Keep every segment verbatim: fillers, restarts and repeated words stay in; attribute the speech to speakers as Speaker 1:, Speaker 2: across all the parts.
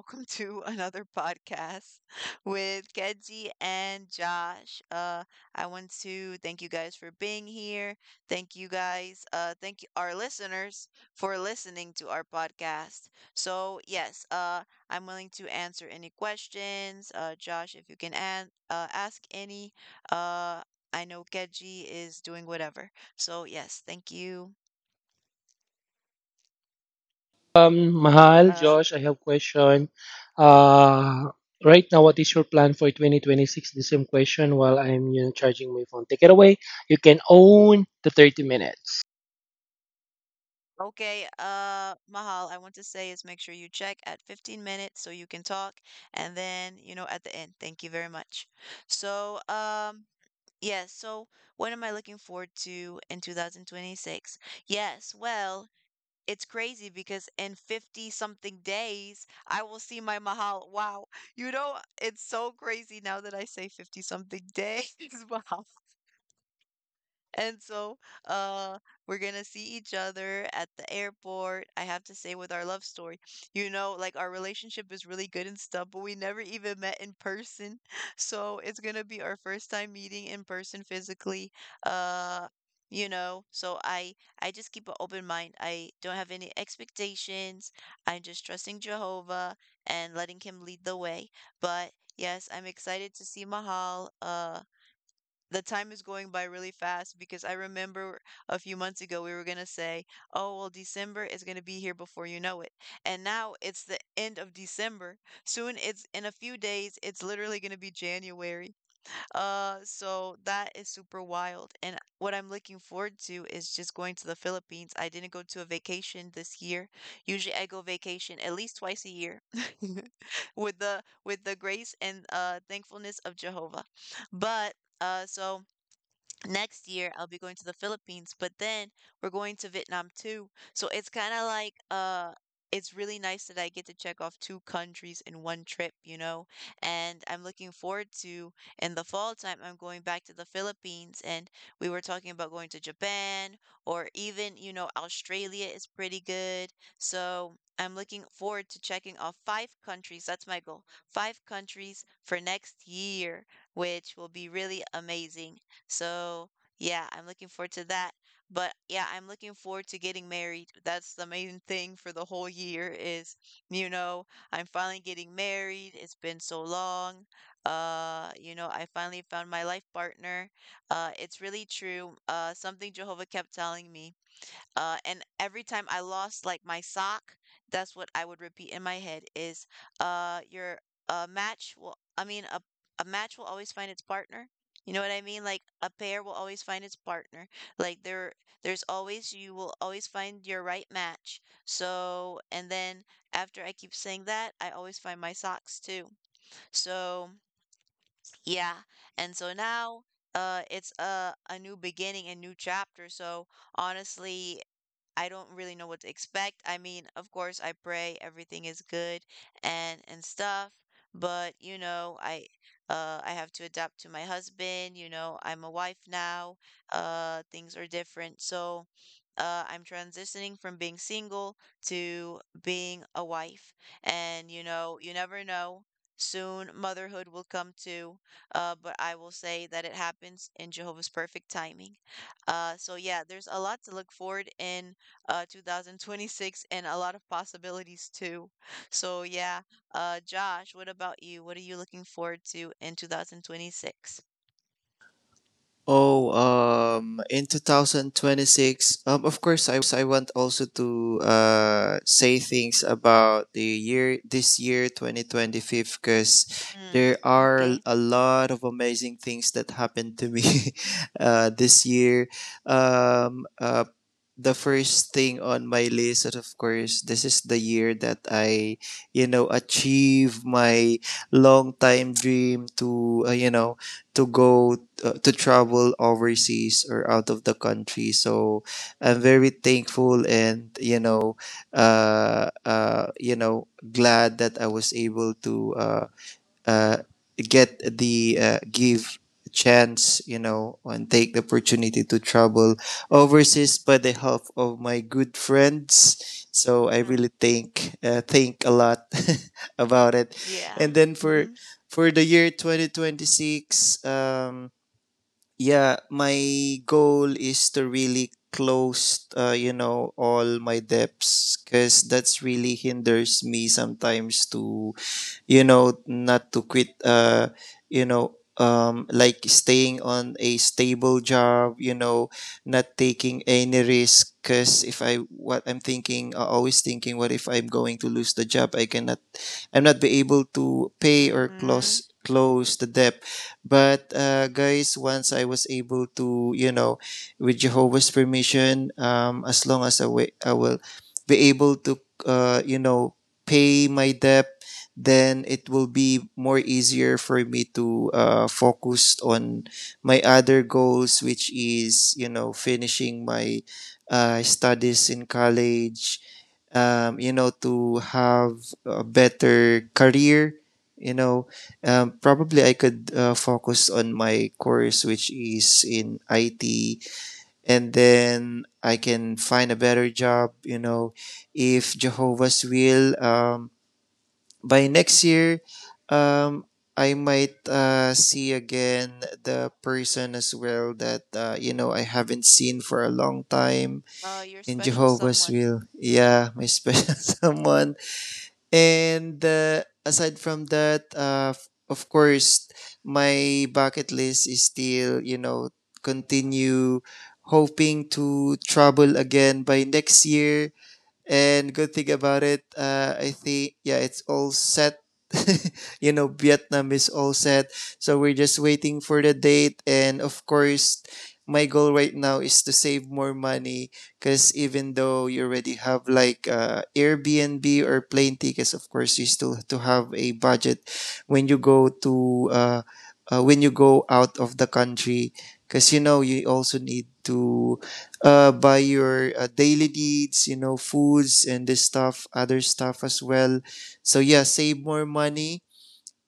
Speaker 1: welcome to another podcast with Kenzie and Josh. Uh, I want to thank you guys for being here. Thank you guys, uh, thank you, our listeners for listening to our podcast. So yes, uh, I'm willing to answer any questions. Uh, Josh, if you can an uh, ask any. Uh, I know Keji is doing whatever. So yes, thank you.
Speaker 2: Um, Mahal,
Speaker 1: Uh,
Speaker 2: Josh, I have question. Uh, right now, what is your plan for twenty twenty-six? The same question while I'm you know, charging my phone. Take it away. You can own the thirty minutes.
Speaker 1: Okay, uh, Mahal, I want to say is make sure you check at fifteen minutes so you can talk, and then, you know, at the end. Thank you very much. So, um, yes, so what am I looking forward to in twenty twenty-six? Yes, well, it's crazy because in fifty something days, I will see my Mahal. Wow. You know, it's so crazy now that I say fifty something days, Mahal. And so, uh, we're gonna see each other at the airport. I have to say, with our love story, you know, like our relationship is really good and stuff, but we never even met in person. So it's gonna be our first time meeting in person physically. Uh, you know, so I I just keep an open mind. I don't have any expectations. I'm just trusting Jehovah and letting him lead the way. But yes, I'm excited to see Mahal. Uh, the time is going by really fast because I remember a few months ago we were going to say, oh, well, December is going to be here before you know it. And now it's the end of December. Soon it's in a few days, it's literally going to be January. Uh, so that is super wild. And what I'm looking forward to is just going to the Philippines. I didn't go to a vacation this year. Usually I go vacation at least twice a year with the with the grace and uh thankfulness of Jehovah. But uh so next year I'll be going to the Philippines, but then we're going to Vietnam too. So it's kind of like uh it's really nice that I get to check off two countries in one trip, you know? And I'm looking forward to in the fall time I'm going back to the Philippines and we were talking about going to Japan or even, you know, Australia is pretty good. So I'm looking forward to checking off five countries. That's my goal. Five countries for next year, which will be really amazing. So, yeah, I'm looking forward to that. But yeah, I'm looking forward to getting married. That's the main thing for the whole year is, you know, I'm finally getting married. It's been so long. Uh, you know, I finally found my life partner. Uh, it's really true. Uh, something Jehovah kept telling me. Uh, and every time I lost like my sock, that's what I would repeat in my head is uh your a match will I mean a a match will always find its partner. You know what I mean? Like a pair will always find its partner. Like there there's always you will always find your right match. So and then after I keep saying that, I always find my socks too. So yeah. And so now uh it's a a new beginning, a new chapter. So honestly, I don't really know what to expect. I mean, of course, I pray everything is good and and stuff, but you know, I uh I have to adapt to my husband, you know, I'm a wife now. Uh things are different. So, uh I'm transitioning from being single to being a wife. And you know, you never know. Soon motherhood will come too, uh, but I will say that it happens in Jehovah's perfect timing. Uh, so yeah, there's a lot to look forward in uh two thousand twenty-six and a lot of possibilities too. So yeah, uh Josh, what about you? What are you looking forward to in two thousand twenty-six?
Speaker 3: Oh, um, in twenty twenty-six, um, of course, I want also to uh, say things about the year, this year, twenty twenty-five, because
Speaker 1: Mm,
Speaker 3: there are
Speaker 1: okay.
Speaker 3: a lot of amazing things that happened to me uh, this year. Um, uh, the first thing on my list is, of course, this is the year that I, you know, achieve my long time dream to, uh, you know, to go uh, to travel overseas or out of the country. So I'm very thankful and you know, uh, uh, you know, glad that I was able to uh, uh, get the uh, give chance, you know, and take the opportunity to travel overseas by the help of my good friends. So I
Speaker 1: Mm,
Speaker 3: really think uh, think a lot about it. And
Speaker 1: yeah.
Speaker 3: then for
Speaker 1: Mm-hmm.
Speaker 3: for the year twenty twenty-six, um, yeah, my goal is to really close, uh, you know, all my debts because that's really hinders me sometimes to you know not to quit uh you know um like staying on a stable job, you know not taking any risk. Because if I, what I'm thinking, uh, always thinking, what if I'm going to lose the job? I cannot, I'm not be able to pay or
Speaker 1: Mm-hmm.
Speaker 3: close close the debt. But uh guys, once I was able to, you know with Jehovah's permission, um as long as i, wa- I will be able to uh you know pay my debt, then it will be more easier for me to uh, focus on my other goals, which is, you know finishing my uh, studies in college, um, you know to have a better career, you know um, probably I could uh, focus on my course, which is in IT, and then I can find a better job, you know if Jehovah's will. Um, by next year, um, I might uh, see again the person as well that, uh, you know I haven't seen for a long time,
Speaker 1: Uh, your
Speaker 3: in
Speaker 1: special
Speaker 3: Jehovah's
Speaker 1: someone.
Speaker 3: will. Yeah, my special someone. And uh, aside from that, uh, f- of course, my bucket list is still, you know continue hoping to travel again by next year. And good thing about it, uh, I think, yeah, it's all set. You know, Vietnam is all set. So we're just waiting for the date. And of course, my goal right now is to save more money because even though you already have like uh, Airbnb or plane tickets, of course, you still have to have a budget when you go to uh, uh, when you go out of the country, because you know you also need to uh, by your uh, daily needs, you know, foods and this stuff, other stuff as well. So yeah, save more money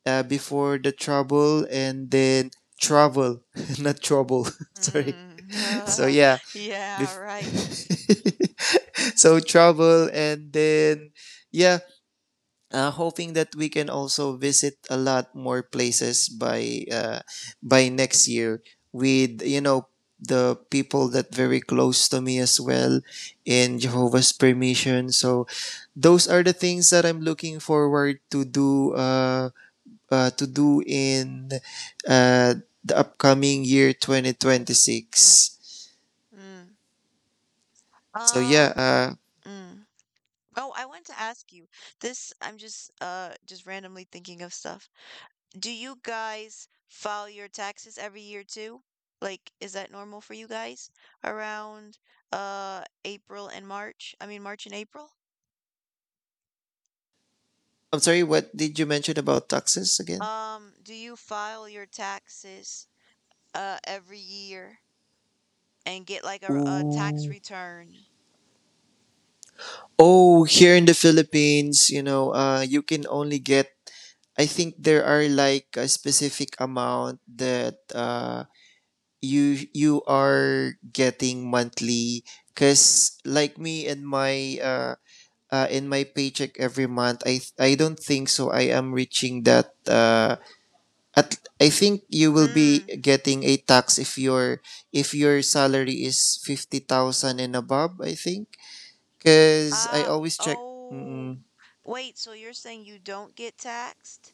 Speaker 3: uh, before the trouble and then travel, not trouble. Sorry. So
Speaker 1: Mm,
Speaker 3: yeah,
Speaker 1: yeah,
Speaker 3: bef-
Speaker 1: right.
Speaker 3: so travel, and then yeah, uh, hoping that we can also visit a lot more places by uh, by next year with, you know the people that very close to me as well, in Jehovah's permission. So those are the things that I'm looking forward to do uh, uh, to do in uh, the upcoming year twenty twenty-six.
Speaker 1: Mm.
Speaker 3: So yeah,
Speaker 1: Um,
Speaker 3: uh,
Speaker 1: mm. Oh, I want to ask you. This, I'm just uh just randomly thinking of stuff. Do you guys file your taxes every year too? Like, is that normal for you guys around uh April and March? I mean, March and April?
Speaker 3: I'm sorry, what did you mention about taxes again?
Speaker 1: Um, do you file your taxes uh every year and get like a, a tax
Speaker 3: Ooh.
Speaker 1: return?
Speaker 3: Oh, here in the Philippines, you know, uh, you can only get, I think there are like a specific amount that uh, you you are getting monthly. Cause like me and my uh, uh, in my paycheck every month, I I don't think so I am reaching that. Uh, at, I think, you will be
Speaker 1: Mm.
Speaker 3: getting a tax if your if your salary is fifty thousand and above, I think. Cause I
Speaker 1: Ah,
Speaker 3: always check.
Speaker 1: oh.
Speaker 3: Mm-mm.
Speaker 1: Wait, so you're saying you don't get taxed?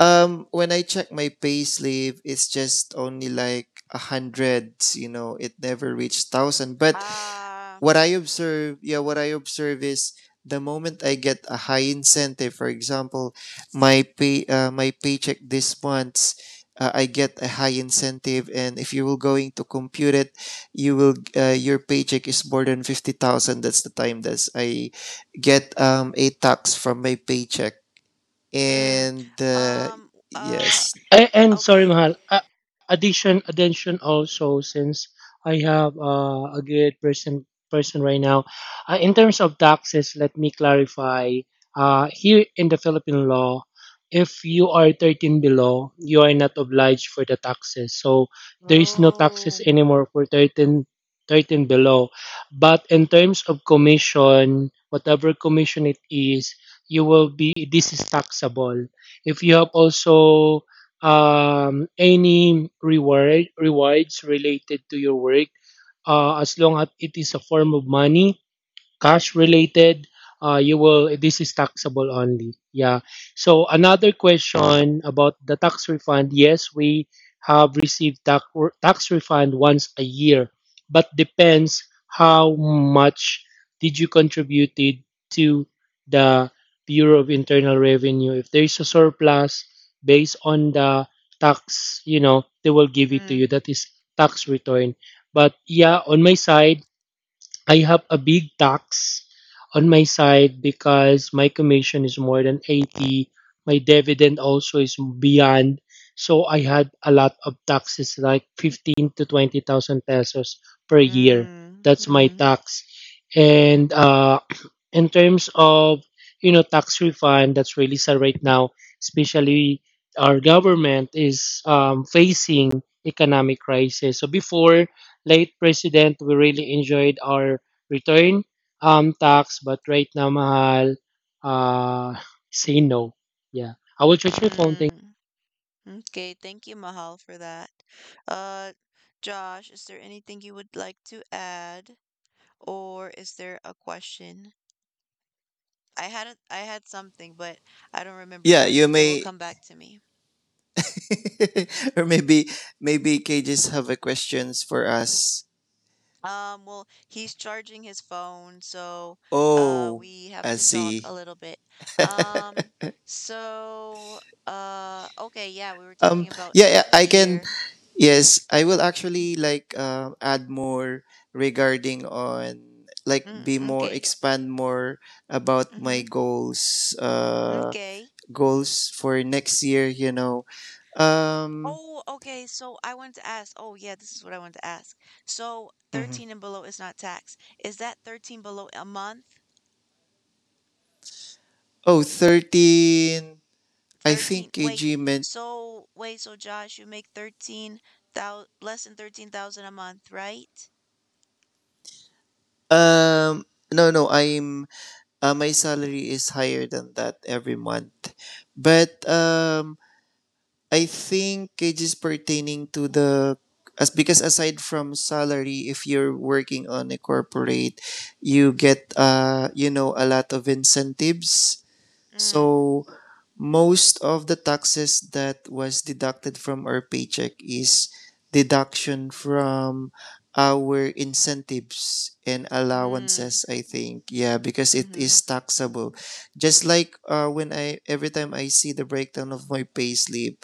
Speaker 3: Um, when I check my payslip, it's just only like a hundred. You know, it never reached thousand. But
Speaker 1: Ah,
Speaker 3: what I observe, yeah, what I observe is the moment I get a high incentive. For example, my pay, uh, my paycheck this month. Uh, I get a high incentive, and if you will going to compute it, you will, uh, your paycheck is more than fifty thousand. That's the time that I get um, a tax from my paycheck.
Speaker 1: mm.
Speaker 3: And uh,
Speaker 1: Um, uh,
Speaker 3: yes,
Speaker 4: And, and sorry,
Speaker 1: okay.
Speaker 4: Mahal. Uh, addition, addition also, since I have uh, a good person person right now. Uh, in terms of taxes, let me clarify. Uh, here in the Philippine law, if you are thirteen below, you are not obliged for the taxes. So there is no taxes
Speaker 1: Oh,
Speaker 4: anymore for thirteen, thirteen below. But in terms of commission, whatever commission it is, you will be this is taxable. If you have also um, any reward rewards related to your work, uh, as long as it is a form of money, cash related, uh, you will this is taxable only. Yeah, so another question about the tax refund. Yes, we have received tax, tax refund once a year, but depends how much did you contributed to the Bureau of Internal Revenue. If there is a surplus based on the tax, you know, they will give it to you.
Speaker 1: hmm.
Speaker 4: That is tax return. But yeah, on my side, I have a big tax on my side because my commission is more than eighty. My dividend also is beyond. So I had a lot of taxes, like fifteen to twenty thousand pesos per year.
Speaker 1: Mm,
Speaker 4: That's my
Speaker 1: mm,
Speaker 4: tax. And uh, in terms of, you know, tax refund, that's really sad right now, especially our government is um, facing economic crisis. So before, late president, we really enjoyed our return, um, tax, but right now, mahal. Uh, say no. Yeah, I will charge my phone. Thank
Speaker 1: mm. Okay, thank you, Mahal, for that. Uh, Josh, is there anything you would like to add, or is there a question? I had a, I had something, but I don't remember
Speaker 3: yeah,
Speaker 1: now,
Speaker 3: you
Speaker 1: so it will
Speaker 3: may
Speaker 1: come back to me.
Speaker 3: or maybe maybe cages have a questions for us.
Speaker 1: Um, well, he's charging his phone, so uh,
Speaker 3: Oh,
Speaker 1: we have
Speaker 3: I
Speaker 1: to talk a
Speaker 3: see.
Speaker 1: little bit. Um, so uh, okay, yeah, we were
Speaker 3: um
Speaker 1: talking about
Speaker 3: yeah, yeah,
Speaker 1: next
Speaker 3: I can,
Speaker 1: year.
Speaker 3: yes, I will actually
Speaker 1: Mm-hmm.
Speaker 3: like uh, add more regarding on like
Speaker 1: Mm,
Speaker 3: be more
Speaker 1: okay.
Speaker 3: expand more about my
Speaker 1: Mm-hmm.
Speaker 3: goals, uh
Speaker 1: Okay.
Speaker 3: goals for next year, you know um
Speaker 1: Oh, okay, so I wanted to ask oh, yeah, this is what I wanted to ask. So
Speaker 3: mhm.
Speaker 1: thirteen and below is not taxed. Is that thirteen below a month?
Speaker 3: Oh, thirteen. I think
Speaker 1: thirteen wait.
Speaker 3: kg.
Speaker 1: So wait, so Josh, you make thirteen thousand less than thirteen thousand a month, right?
Speaker 3: Um, no, no, I'm, uh, my salary is higher than that every month. But um, I think it is pertaining to the as because aside from salary, if you're working on a corporate, you get uh, you know, a lot of incentives.
Speaker 1: Mm.
Speaker 3: So most of the taxes that was deducted from our paycheck is deduction from our incentives and
Speaker 1: Mm.
Speaker 3: allowances, I think. Yeah, because it is
Speaker 1: Mm-hmm.
Speaker 3: taxable. Just like uh, when I, every time I see the breakdown of my payslip,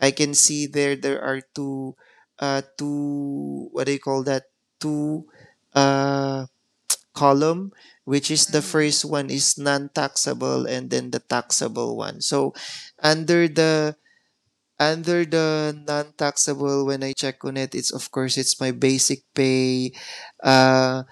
Speaker 3: I can see there, there are two uh two what do you call that, two uh column, which is the
Speaker 1: Mm-hmm.
Speaker 3: first one is non-taxable, and then the taxable one. So under the under the non-taxable, when I check on it, it's, of course, it's my basic pay, uh,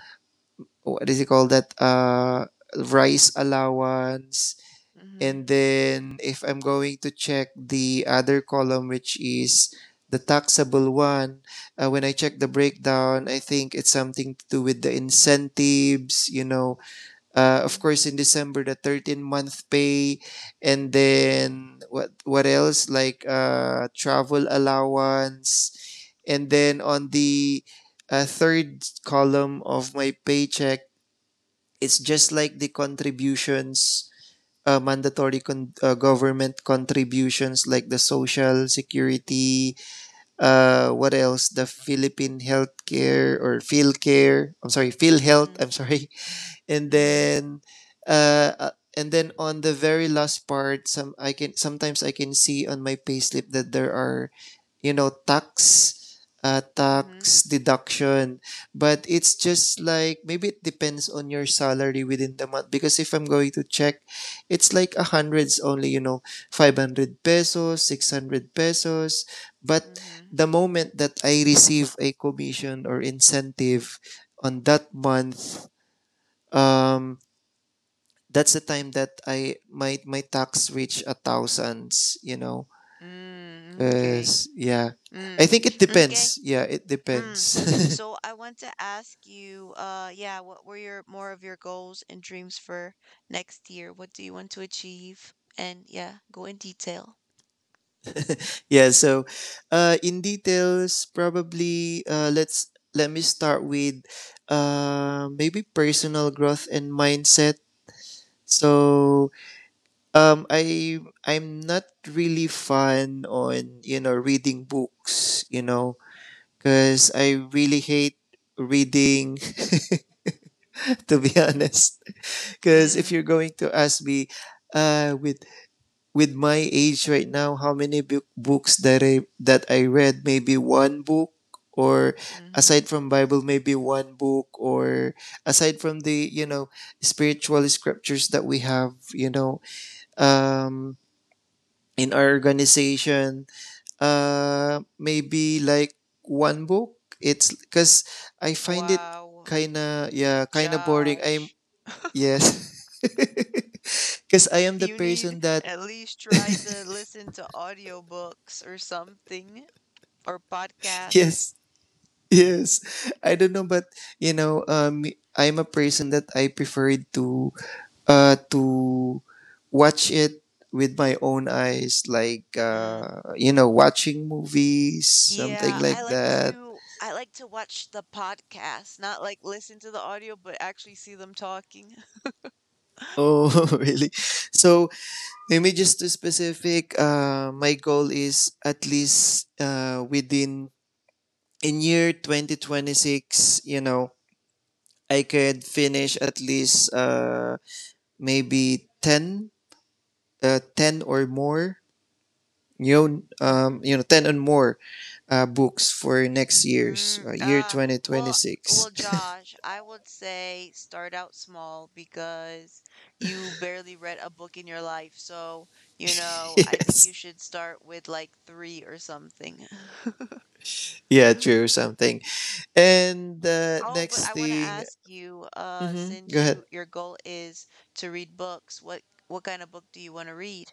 Speaker 3: what does it call that, uh, rice allowance,
Speaker 1: Mm-hmm.
Speaker 3: and then if I'm going to check the other column, which is the taxable one, uh, when I check the breakdown, I think it's something to do with the incentives, you know, uh, of course in December, the thirteen month pay, and then what what else like uh, travel allowance, and then on the uh, third column of my paycheck, it's just like the contributions, uh, mandatory con- uh, government contributions like the social security, uh what else, the Philippine healthcare or Philcare? I'm sorry, Philhealth.
Speaker 1: Mm-hmm.
Speaker 3: I'm sorry. And
Speaker 1: Mm-hmm.
Speaker 3: then uh, uh, and then on the very last part, some I can sometimes I can see on my payslip that there are, you know tax, uh,
Speaker 1: Mm-hmm.
Speaker 3: tax deduction, but it's just like maybe it depends on your salary within the month. Because if I'm going to check, it's like a hundreds only, you know, five hundred pesos, six hundred pesos, but
Speaker 1: Mm-hmm.
Speaker 3: the moment that I receive a commission or incentive on that month, um that's the time that I my my tax reach a thousands, you know.
Speaker 1: Mm. Okay.
Speaker 3: Because yeah, I
Speaker 1: Mm.
Speaker 3: think it
Speaker 1: Okay.
Speaker 3: depends. Yeah, it
Speaker 1: Mm.
Speaker 3: depends.
Speaker 1: So I want to ask you, uh, yeah, what were your more of your goals and dreams for next year? What do you want to achieve? And yeah, go in detail.
Speaker 3: Yeah, so uh, in details, probably uh, let's let me start with uh, maybe personal growth and mindset. So um, I I'm not really fan on, you know reading books, you know, because I really hate reading to be
Speaker 1: Mm,
Speaker 3: honest. Because if
Speaker 1: mm,
Speaker 3: you're going to ask me, uh, with with my age right now, how many book, books that I that I read? Maybe one book, or
Speaker 1: hmm.
Speaker 3: aside from Bible, maybe one book, or aside from the, you know spiritual scriptures that we have, you know, um, in our organization, uh, maybe like one book. It's because I find it
Speaker 1: Wow,
Speaker 3: kind of, yeah, kind of boring. I'm
Speaker 1: Josh.
Speaker 3: yes. Because I am the
Speaker 1: You need
Speaker 3: person that
Speaker 1: at least try to listen to audiobooks or something or podcast.
Speaker 3: yes, yes. I don't know, but you know, um, I'm a person that I prefer to uh to watch it with my own eyes, like
Speaker 1: Mm.
Speaker 3: uh, you know, watching movies, something
Speaker 1: Yeah, I
Speaker 3: like
Speaker 1: like
Speaker 3: that.
Speaker 1: to I like to watch the podcast, not like listen to the audio, but actually see them talking.
Speaker 3: Oh, really? So maybe just to specific, uh, my goal is at least uh within in year twenty twenty-six, you know, I could finish at least uh maybe ten, uh, ten or more,
Speaker 1: Mm,
Speaker 3: you know,
Speaker 1: mm,
Speaker 3: um, you know, ten and more uh, books for next year's
Speaker 1: mm.
Speaker 3: uh, year
Speaker 1: Uh, well,
Speaker 3: twenty twenty-six.
Speaker 1: well, Josh, I would say start out small because you barely read a book in your life. So, you know, I think you
Speaker 3: Yes.
Speaker 1: should start with like three or something.
Speaker 3: Yeah, true, something. And uh,
Speaker 1: Oh, but
Speaker 3: next
Speaker 1: I want to
Speaker 3: thing,
Speaker 1: ask you, uh,
Speaker 3: hmm,
Speaker 1: since
Speaker 3: go ahead.
Speaker 1: you your goal is to read books, what what kind of book do you want to read?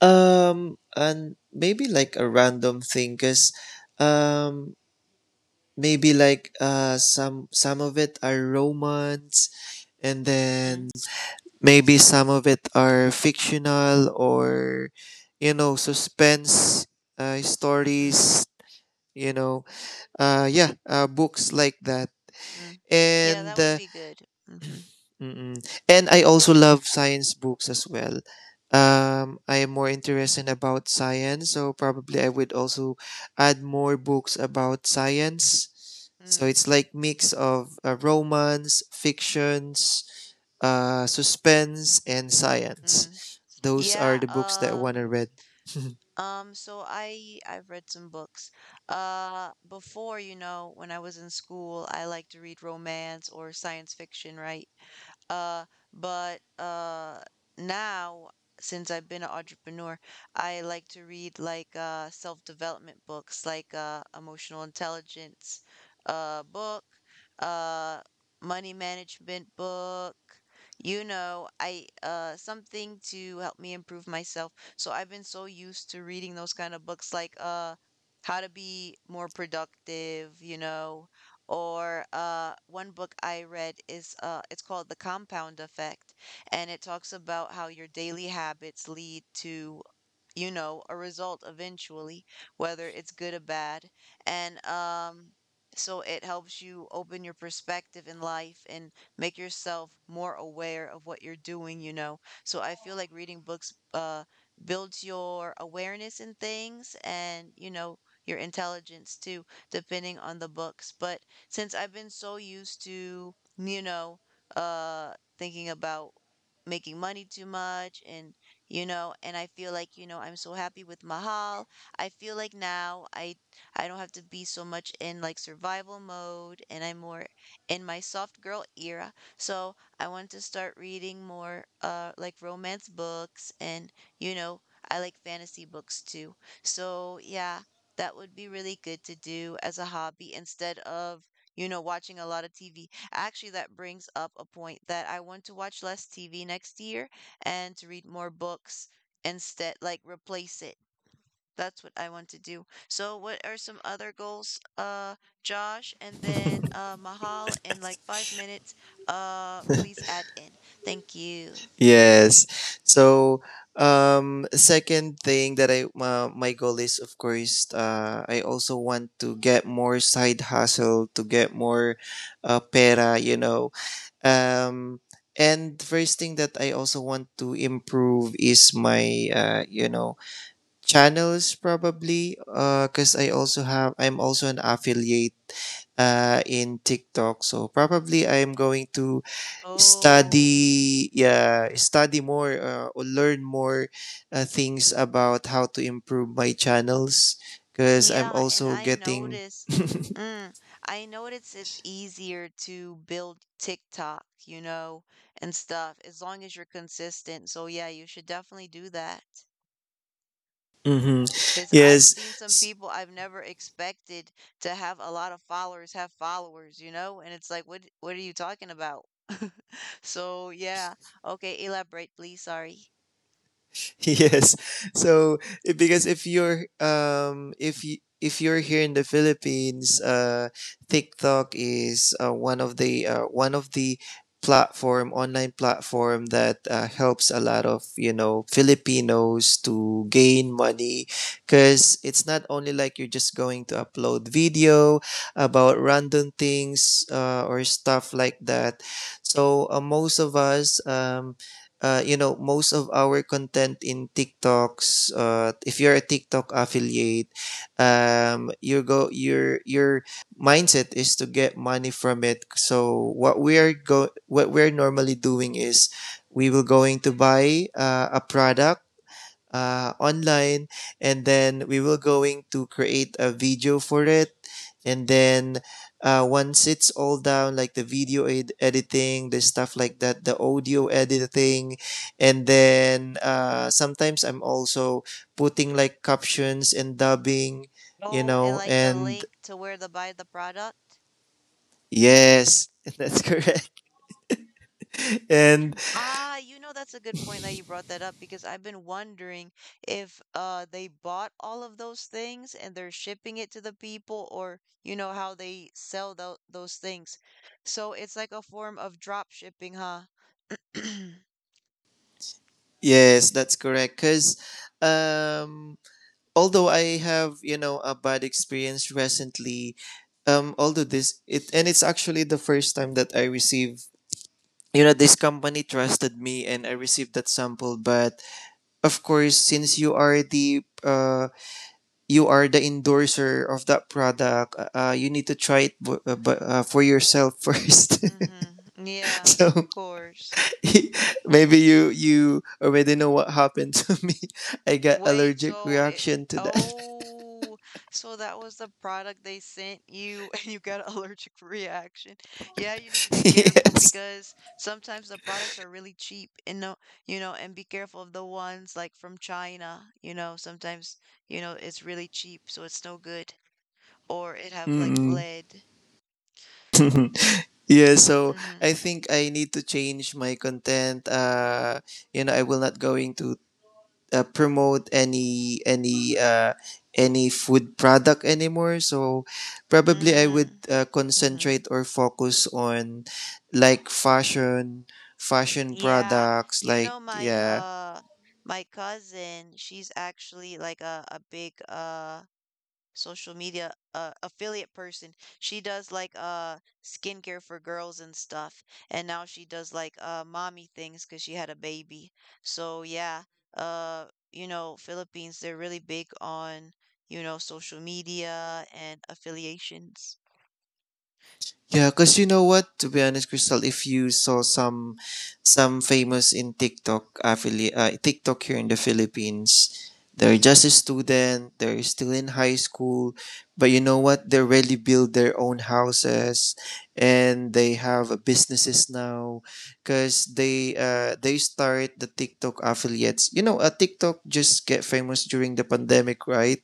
Speaker 3: Um, and maybe like a random thing, cause um, maybe like uh, some some of it are romance, and
Speaker 1: Mm,
Speaker 3: then maybe some of it are fictional, or, you know, suspense uh,
Speaker 1: mm-hmm,
Speaker 3: stories, you know, uh, yeah, uh, books like that.
Speaker 1: mm. Yeah,
Speaker 3: And
Speaker 1: that would
Speaker 3: uh,
Speaker 1: be good. Mm-hmm,
Speaker 3: mm, mm. and I also love science books as well. Um, I am more interested about science, so probably I would also add more books about science. So
Speaker 1: mm,
Speaker 3: it's like mix of uh, romance, fictions, uh, suspense, and science.
Speaker 1: mm.
Speaker 3: Those are
Speaker 1: Yeah,
Speaker 3: the books that I want
Speaker 1: um.
Speaker 3: to read.
Speaker 1: Um, so I I've read some books. Uh, before, you know, when I was in school, I liked to read romance or science fiction, right? Uh, but uh, now, since I've been an entrepreneur, I like to read like uh, self-development books, like uh, emotional intelligence uh, book, uh, money management book. You know, I uh, something to help me improve myself. So I've been so used to reading those kind of books, like uh, how to be more productive, you know, or uh, one book I read is uh, it's called The Compound Effect, and it talks about how your daily habits lead to you know, a result eventually, whether it's good or bad. And um, so it helps you open your perspective in life and make yourself more aware of what you're doing, you know. So I feel like reading books uh, builds your awareness in things and, you know, your intelligence too, depending on the books. But since I've been so used to, you know, uh, thinking about making money too much and you know and I feel like you know I'm so happy with mahal I feel like now i i don't have to be so much in like survival mode and I'm more in my soft girl era so I want to start reading more uh like romance books and you know I like fantasy books too so yeah that would be really good to do as a hobby instead of you know watching a lot of tv. Actually, that brings up a point that I want to watch less TV next year and to read more books instead, like replace it. That's what I want to do. So what are some other goals, uh, Josh? And then uh, Mahal in like five minutes, uh, please add in. Thank you.
Speaker 3: Yes. So, um, second thing that I, uh, my goal is, of course, uh, I also want to get more side hustle to get more uh, pera, you know. Um, and first thing that I also want to improve is my, uh, you know channels, probably, because I also have I'm also an affiliate uh, in TikTok. So probably I'm going to
Speaker 1: Oh,
Speaker 3: study yeah study more uh, or learn more uh, things about how to improve my channels because I'm
Speaker 1: yeah, and
Speaker 3: also
Speaker 1: I
Speaker 3: getting,
Speaker 1: notice, mm, I notice it's easier to build TikTok, you know, and stuff, as long as you're consistent. So yeah, you should definitely do that.
Speaker 3: hmm,
Speaker 1: Because I've
Speaker 3: yes
Speaker 1: seen some people I've never expected to have a lot of followers have followers, you know? And it's like, what what are you talking about? So yeah. Okay, elaborate, please. Sorry.
Speaker 3: yes. So i- because if you're um if you if you're here in the Philippines, uh, TikTok is uh, one of the uh, one of the platform, online platform that uh, helps a lot of you know Filipinos to gain money, because it's not only like you're just going to upload video about random things uh, or stuff like that. So uh, most of us um, uh, you know, most of our content in TikToks, uh, if you're a TikTok affiliate, um, your go your your mindset is to get money from it. So what we're go what we're normally doing is we will going to buy uh, a product uh, online, and then we will going to create a video for it, and then uh, once it's all down, like the video ed- editing, the stuff like that, the audio editing, and then uh, sometimes I'm also putting like captions and dubbing, you
Speaker 1: Oh, and
Speaker 3: know
Speaker 1: like the
Speaker 3: and
Speaker 1: link to where to buy the product.
Speaker 3: yes, that's correct. And
Speaker 1: Ah, you know, that's a good point that you brought that up because I've been wondering if uh they bought all of those things and they're shipping it to the people or you know how they sell tho those things. So it's like a form of drop shipping, huh?
Speaker 3: yes, that's correct, because um although I have, you know a bad experience recently, um although this it and it's actually the first time that I receive, you know this company trusted me and I received that sample. But of course, since you are the uh, you are the endorser of that product, uh, uh, you need to try it bu- uh, bu- uh, for yourself first.
Speaker 1: Mm-hmm. Yeah,
Speaker 3: So
Speaker 1: of course.
Speaker 3: maybe you you already know what happened to me. I got
Speaker 1: Wait,
Speaker 3: allergic
Speaker 1: so it,
Speaker 3: reaction to that.
Speaker 1: oh, so that was the product they sent you and you got an allergic reaction. Yeah, you need to be careful
Speaker 3: Yes.
Speaker 1: because sometimes the products are really cheap and no, you know, and be careful of the ones like from China. You know, sometimes, you know, it's really cheap, so it's no good. Or it have like
Speaker 3: Mm.
Speaker 1: lead.
Speaker 3: Yeah, so
Speaker 1: Mm-hmm.
Speaker 3: I think I need to change my content, uh you know I will not going to uh, promote any any uh, any food product anymore. So probably I would
Speaker 1: Mm-hmm.
Speaker 3: uh,
Speaker 1: Mm-hmm.
Speaker 3: concentrate or focus on like fashion fashion
Speaker 1: Yeah,
Speaker 3: products,
Speaker 1: you
Speaker 3: like
Speaker 1: know my
Speaker 3: yeah.
Speaker 1: uh my cousin, she's actually like a a big uh social media uh affiliate person. She does like uh skincare for girls and stuff. And now she does like uh mommy things 'cause she had a baby. So yeah, uh you know, Philippines, they're really big on, you know, social media and affiliations.
Speaker 3: Yeah, because you know what? To be honest, Crystal, if you saw some some famous in TikTok affili- uh, TikTok here in the Philippines, they're just a student, they're still in high school, but you know what? They really build their own houses, and they have uh, businesses now, because they uh they start the TikTok affiliates. You know, a TikTok just get famous during the pandemic, right?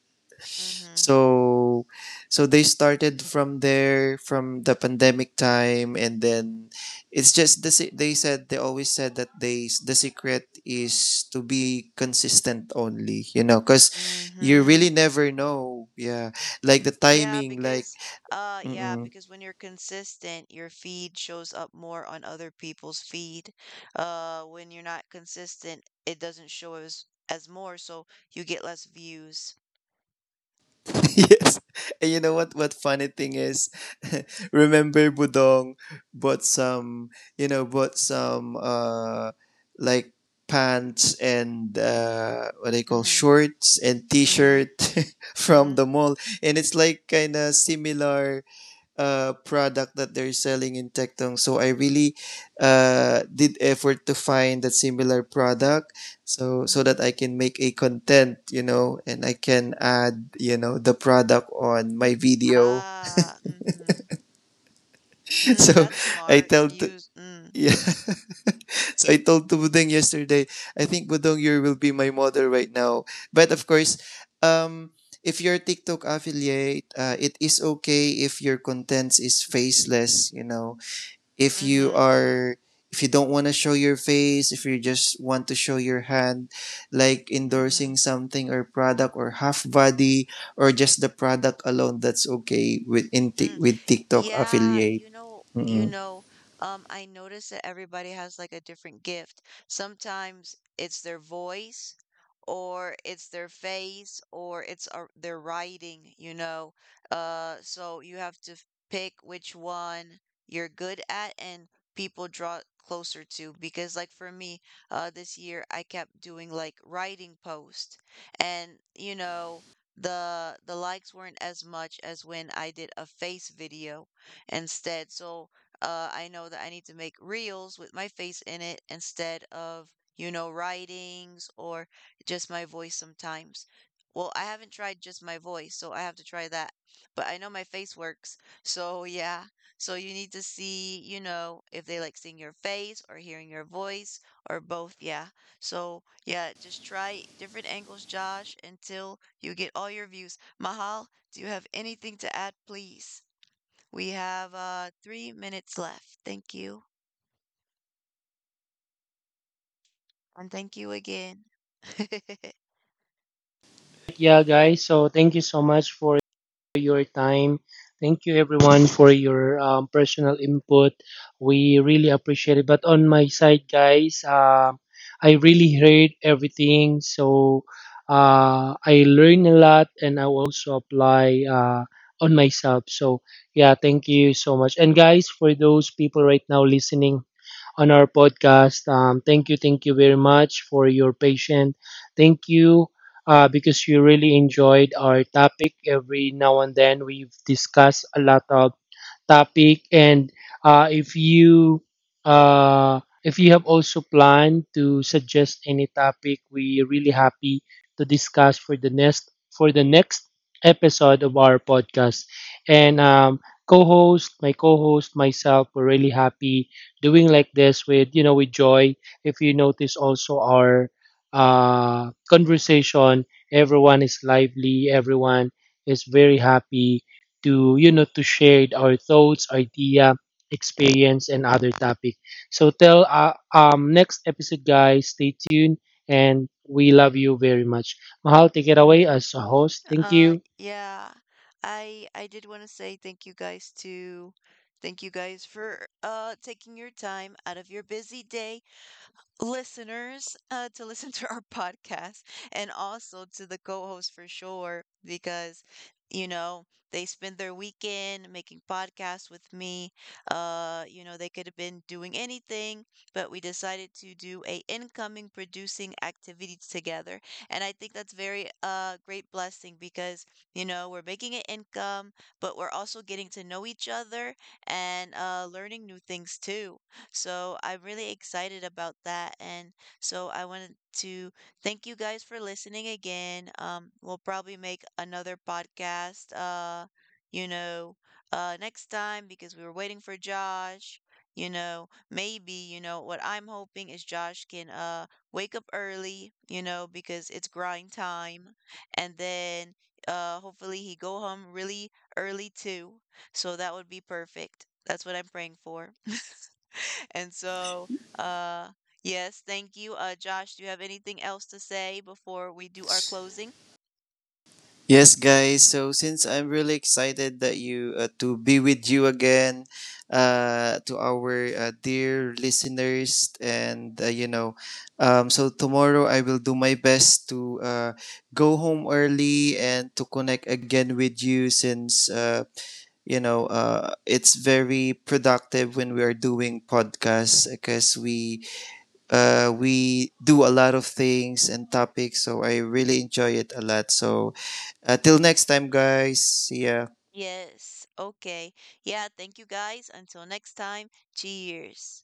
Speaker 1: Mm-hmm.
Speaker 3: So so they started from there, from the pandemic time, and then it's just the se- they said, they always said that they the secret is to be consistent only, you know, cuz you
Speaker 1: Mm-hmm.
Speaker 3: really never know, yeah, like the
Speaker 1: Yeah,
Speaker 3: timing, like
Speaker 1: because uh yeah,
Speaker 3: mm-mm.
Speaker 1: because when you're consistent, your feed shows up more on other people's feed. Uh when you're not consistent, it doesn't show as as more, so you get less views.
Speaker 3: Yes. And you know what what funny thing is? Remember Budong bought some, you know, bought some uh like pants and uh what they call
Speaker 1: Mm-hmm.
Speaker 3: shorts and
Speaker 1: Mm-hmm.
Speaker 3: t-shirt from
Speaker 1: Mm-hmm.
Speaker 3: the mall, and it's like kind of similar uh, product that they're selling in Tectong. So I really uh, did effort to find a similar product, so so that
Speaker 1: Mm-hmm.
Speaker 3: I can make a content, you know, and I can add, you know, the product on my video.
Speaker 1: Ah, mm-hmm. Mm,
Speaker 3: so
Speaker 1: that's
Speaker 3: I
Speaker 1: smart.
Speaker 3: tell t-
Speaker 1: Use mm,
Speaker 3: yeah. So I told to Budong yesterday, I think Budong, you will be my model right now. But of course, um if you're a TikTok affiliate, uh, it is okay if your contents is faceless, you know, if you
Speaker 1: mm-hmm.
Speaker 3: are, if you don't want to show your face, if you just want to show your hand like
Speaker 1: Mm-hmm.
Speaker 3: endorsing something or product, or half body, or just the product alone, that's okay with in with TikTok
Speaker 1: Yeah,
Speaker 3: affiliate.
Speaker 1: you know, you
Speaker 3: Mm-mm.
Speaker 1: know, um, I notice that everybody has like a different gift. Sometimes it's their voice, or it's their face, or it's uh, their writing, you know. Uh, so you have to f- pick which one you're good at and people draw closer to. Because like for me, uh, this year I kept doing like writing post, and you know the the likes weren't as much as when I did a face video instead. So uh, I know that I need to make reels with my face in it instead of, you know, writings or just my voice sometimes. Well, I haven't tried just my voice, so I have to try that. But I know my face works. So yeah. So you need to see, you know, if they like seeing your face or hearing your voice or both. Yeah. So, yeah, just try different angles, Josh, until you get all your views. Mahal, do you have anything to add, please? We have uh, three minutes left. Thank you. And thank you again.
Speaker 4: yeah, guys. So thank you so much for your time. Thank you, everyone, for your um, personal input. We really appreciate it. But on my side, guys, um, I really heard everything. So uh, I learned a lot, and I will also apply uh, on myself. So yeah, thank you so much. And guys, for those people right now listening on our podcast, Um, thank you, thank you very much for your patience. Thank you, uh, because you really enjoyed our topic. Every now and then, we've discussed a lot of topic, and uh, if you uh, if you have also planned to suggest any topic, we really happy to discuss for the next for the next episode of our podcast. And um, co-host my co-host myself, we're really happy doing like this with, you know, with joy. If you notice also our uh, conversation, everyone is lively, everyone is very happy to, you know, to share our thoughts, idea, experience, and other topic. So till uh, um next episode, guys. Stay tuned, and we love you very much. Mahal, take it away
Speaker 1: Mm,
Speaker 4: as a host. Thank
Speaker 1: uh,
Speaker 4: you.
Speaker 1: yeah, I I did want to say thank you guys to thank you guys for uh taking your time out of your busy day, listeners, uh, to listen to our podcast, and also to the co-host for sure, because you know they spend their weekend making podcasts with me. Uh you know, they could have been doing anything, but we decided to do a incoming producing activity together, and I think that's very uh great blessing because you know we're making an income but we're also getting to know each other and uh learning new things too, so I'm really excited about that. And so I wanted to thank you guys for listening again. Um, we'll probably make another podcast, uh, you know, uh, next time because we were waiting for Josh. You know, maybe, you know, what I'm hoping is Josh can uh wake up early, you know, because it's grind time. And then uh hopefully he go home really early too. So that would be perfect. That's what I'm praying for. And so, uh, yes, thank you. Uh, Josh, do you have anything else to say before we do our closing?
Speaker 3: Yes, guys. So since I'm really excited that you uh, to be with you again, uh, to our uh, dear listeners, and uh, you know, um, so tomorrow I will do my best to uh, go home early and to connect again with you, since uh, you know uh, it's very productive when we are doing podcasts, because we uh, we do a lot of things and topics, so I really enjoy it a lot. So, uh, till next time, guys. See ya.
Speaker 1: Yes. Okay. Yeah, thank you guys. Until next time, cheers.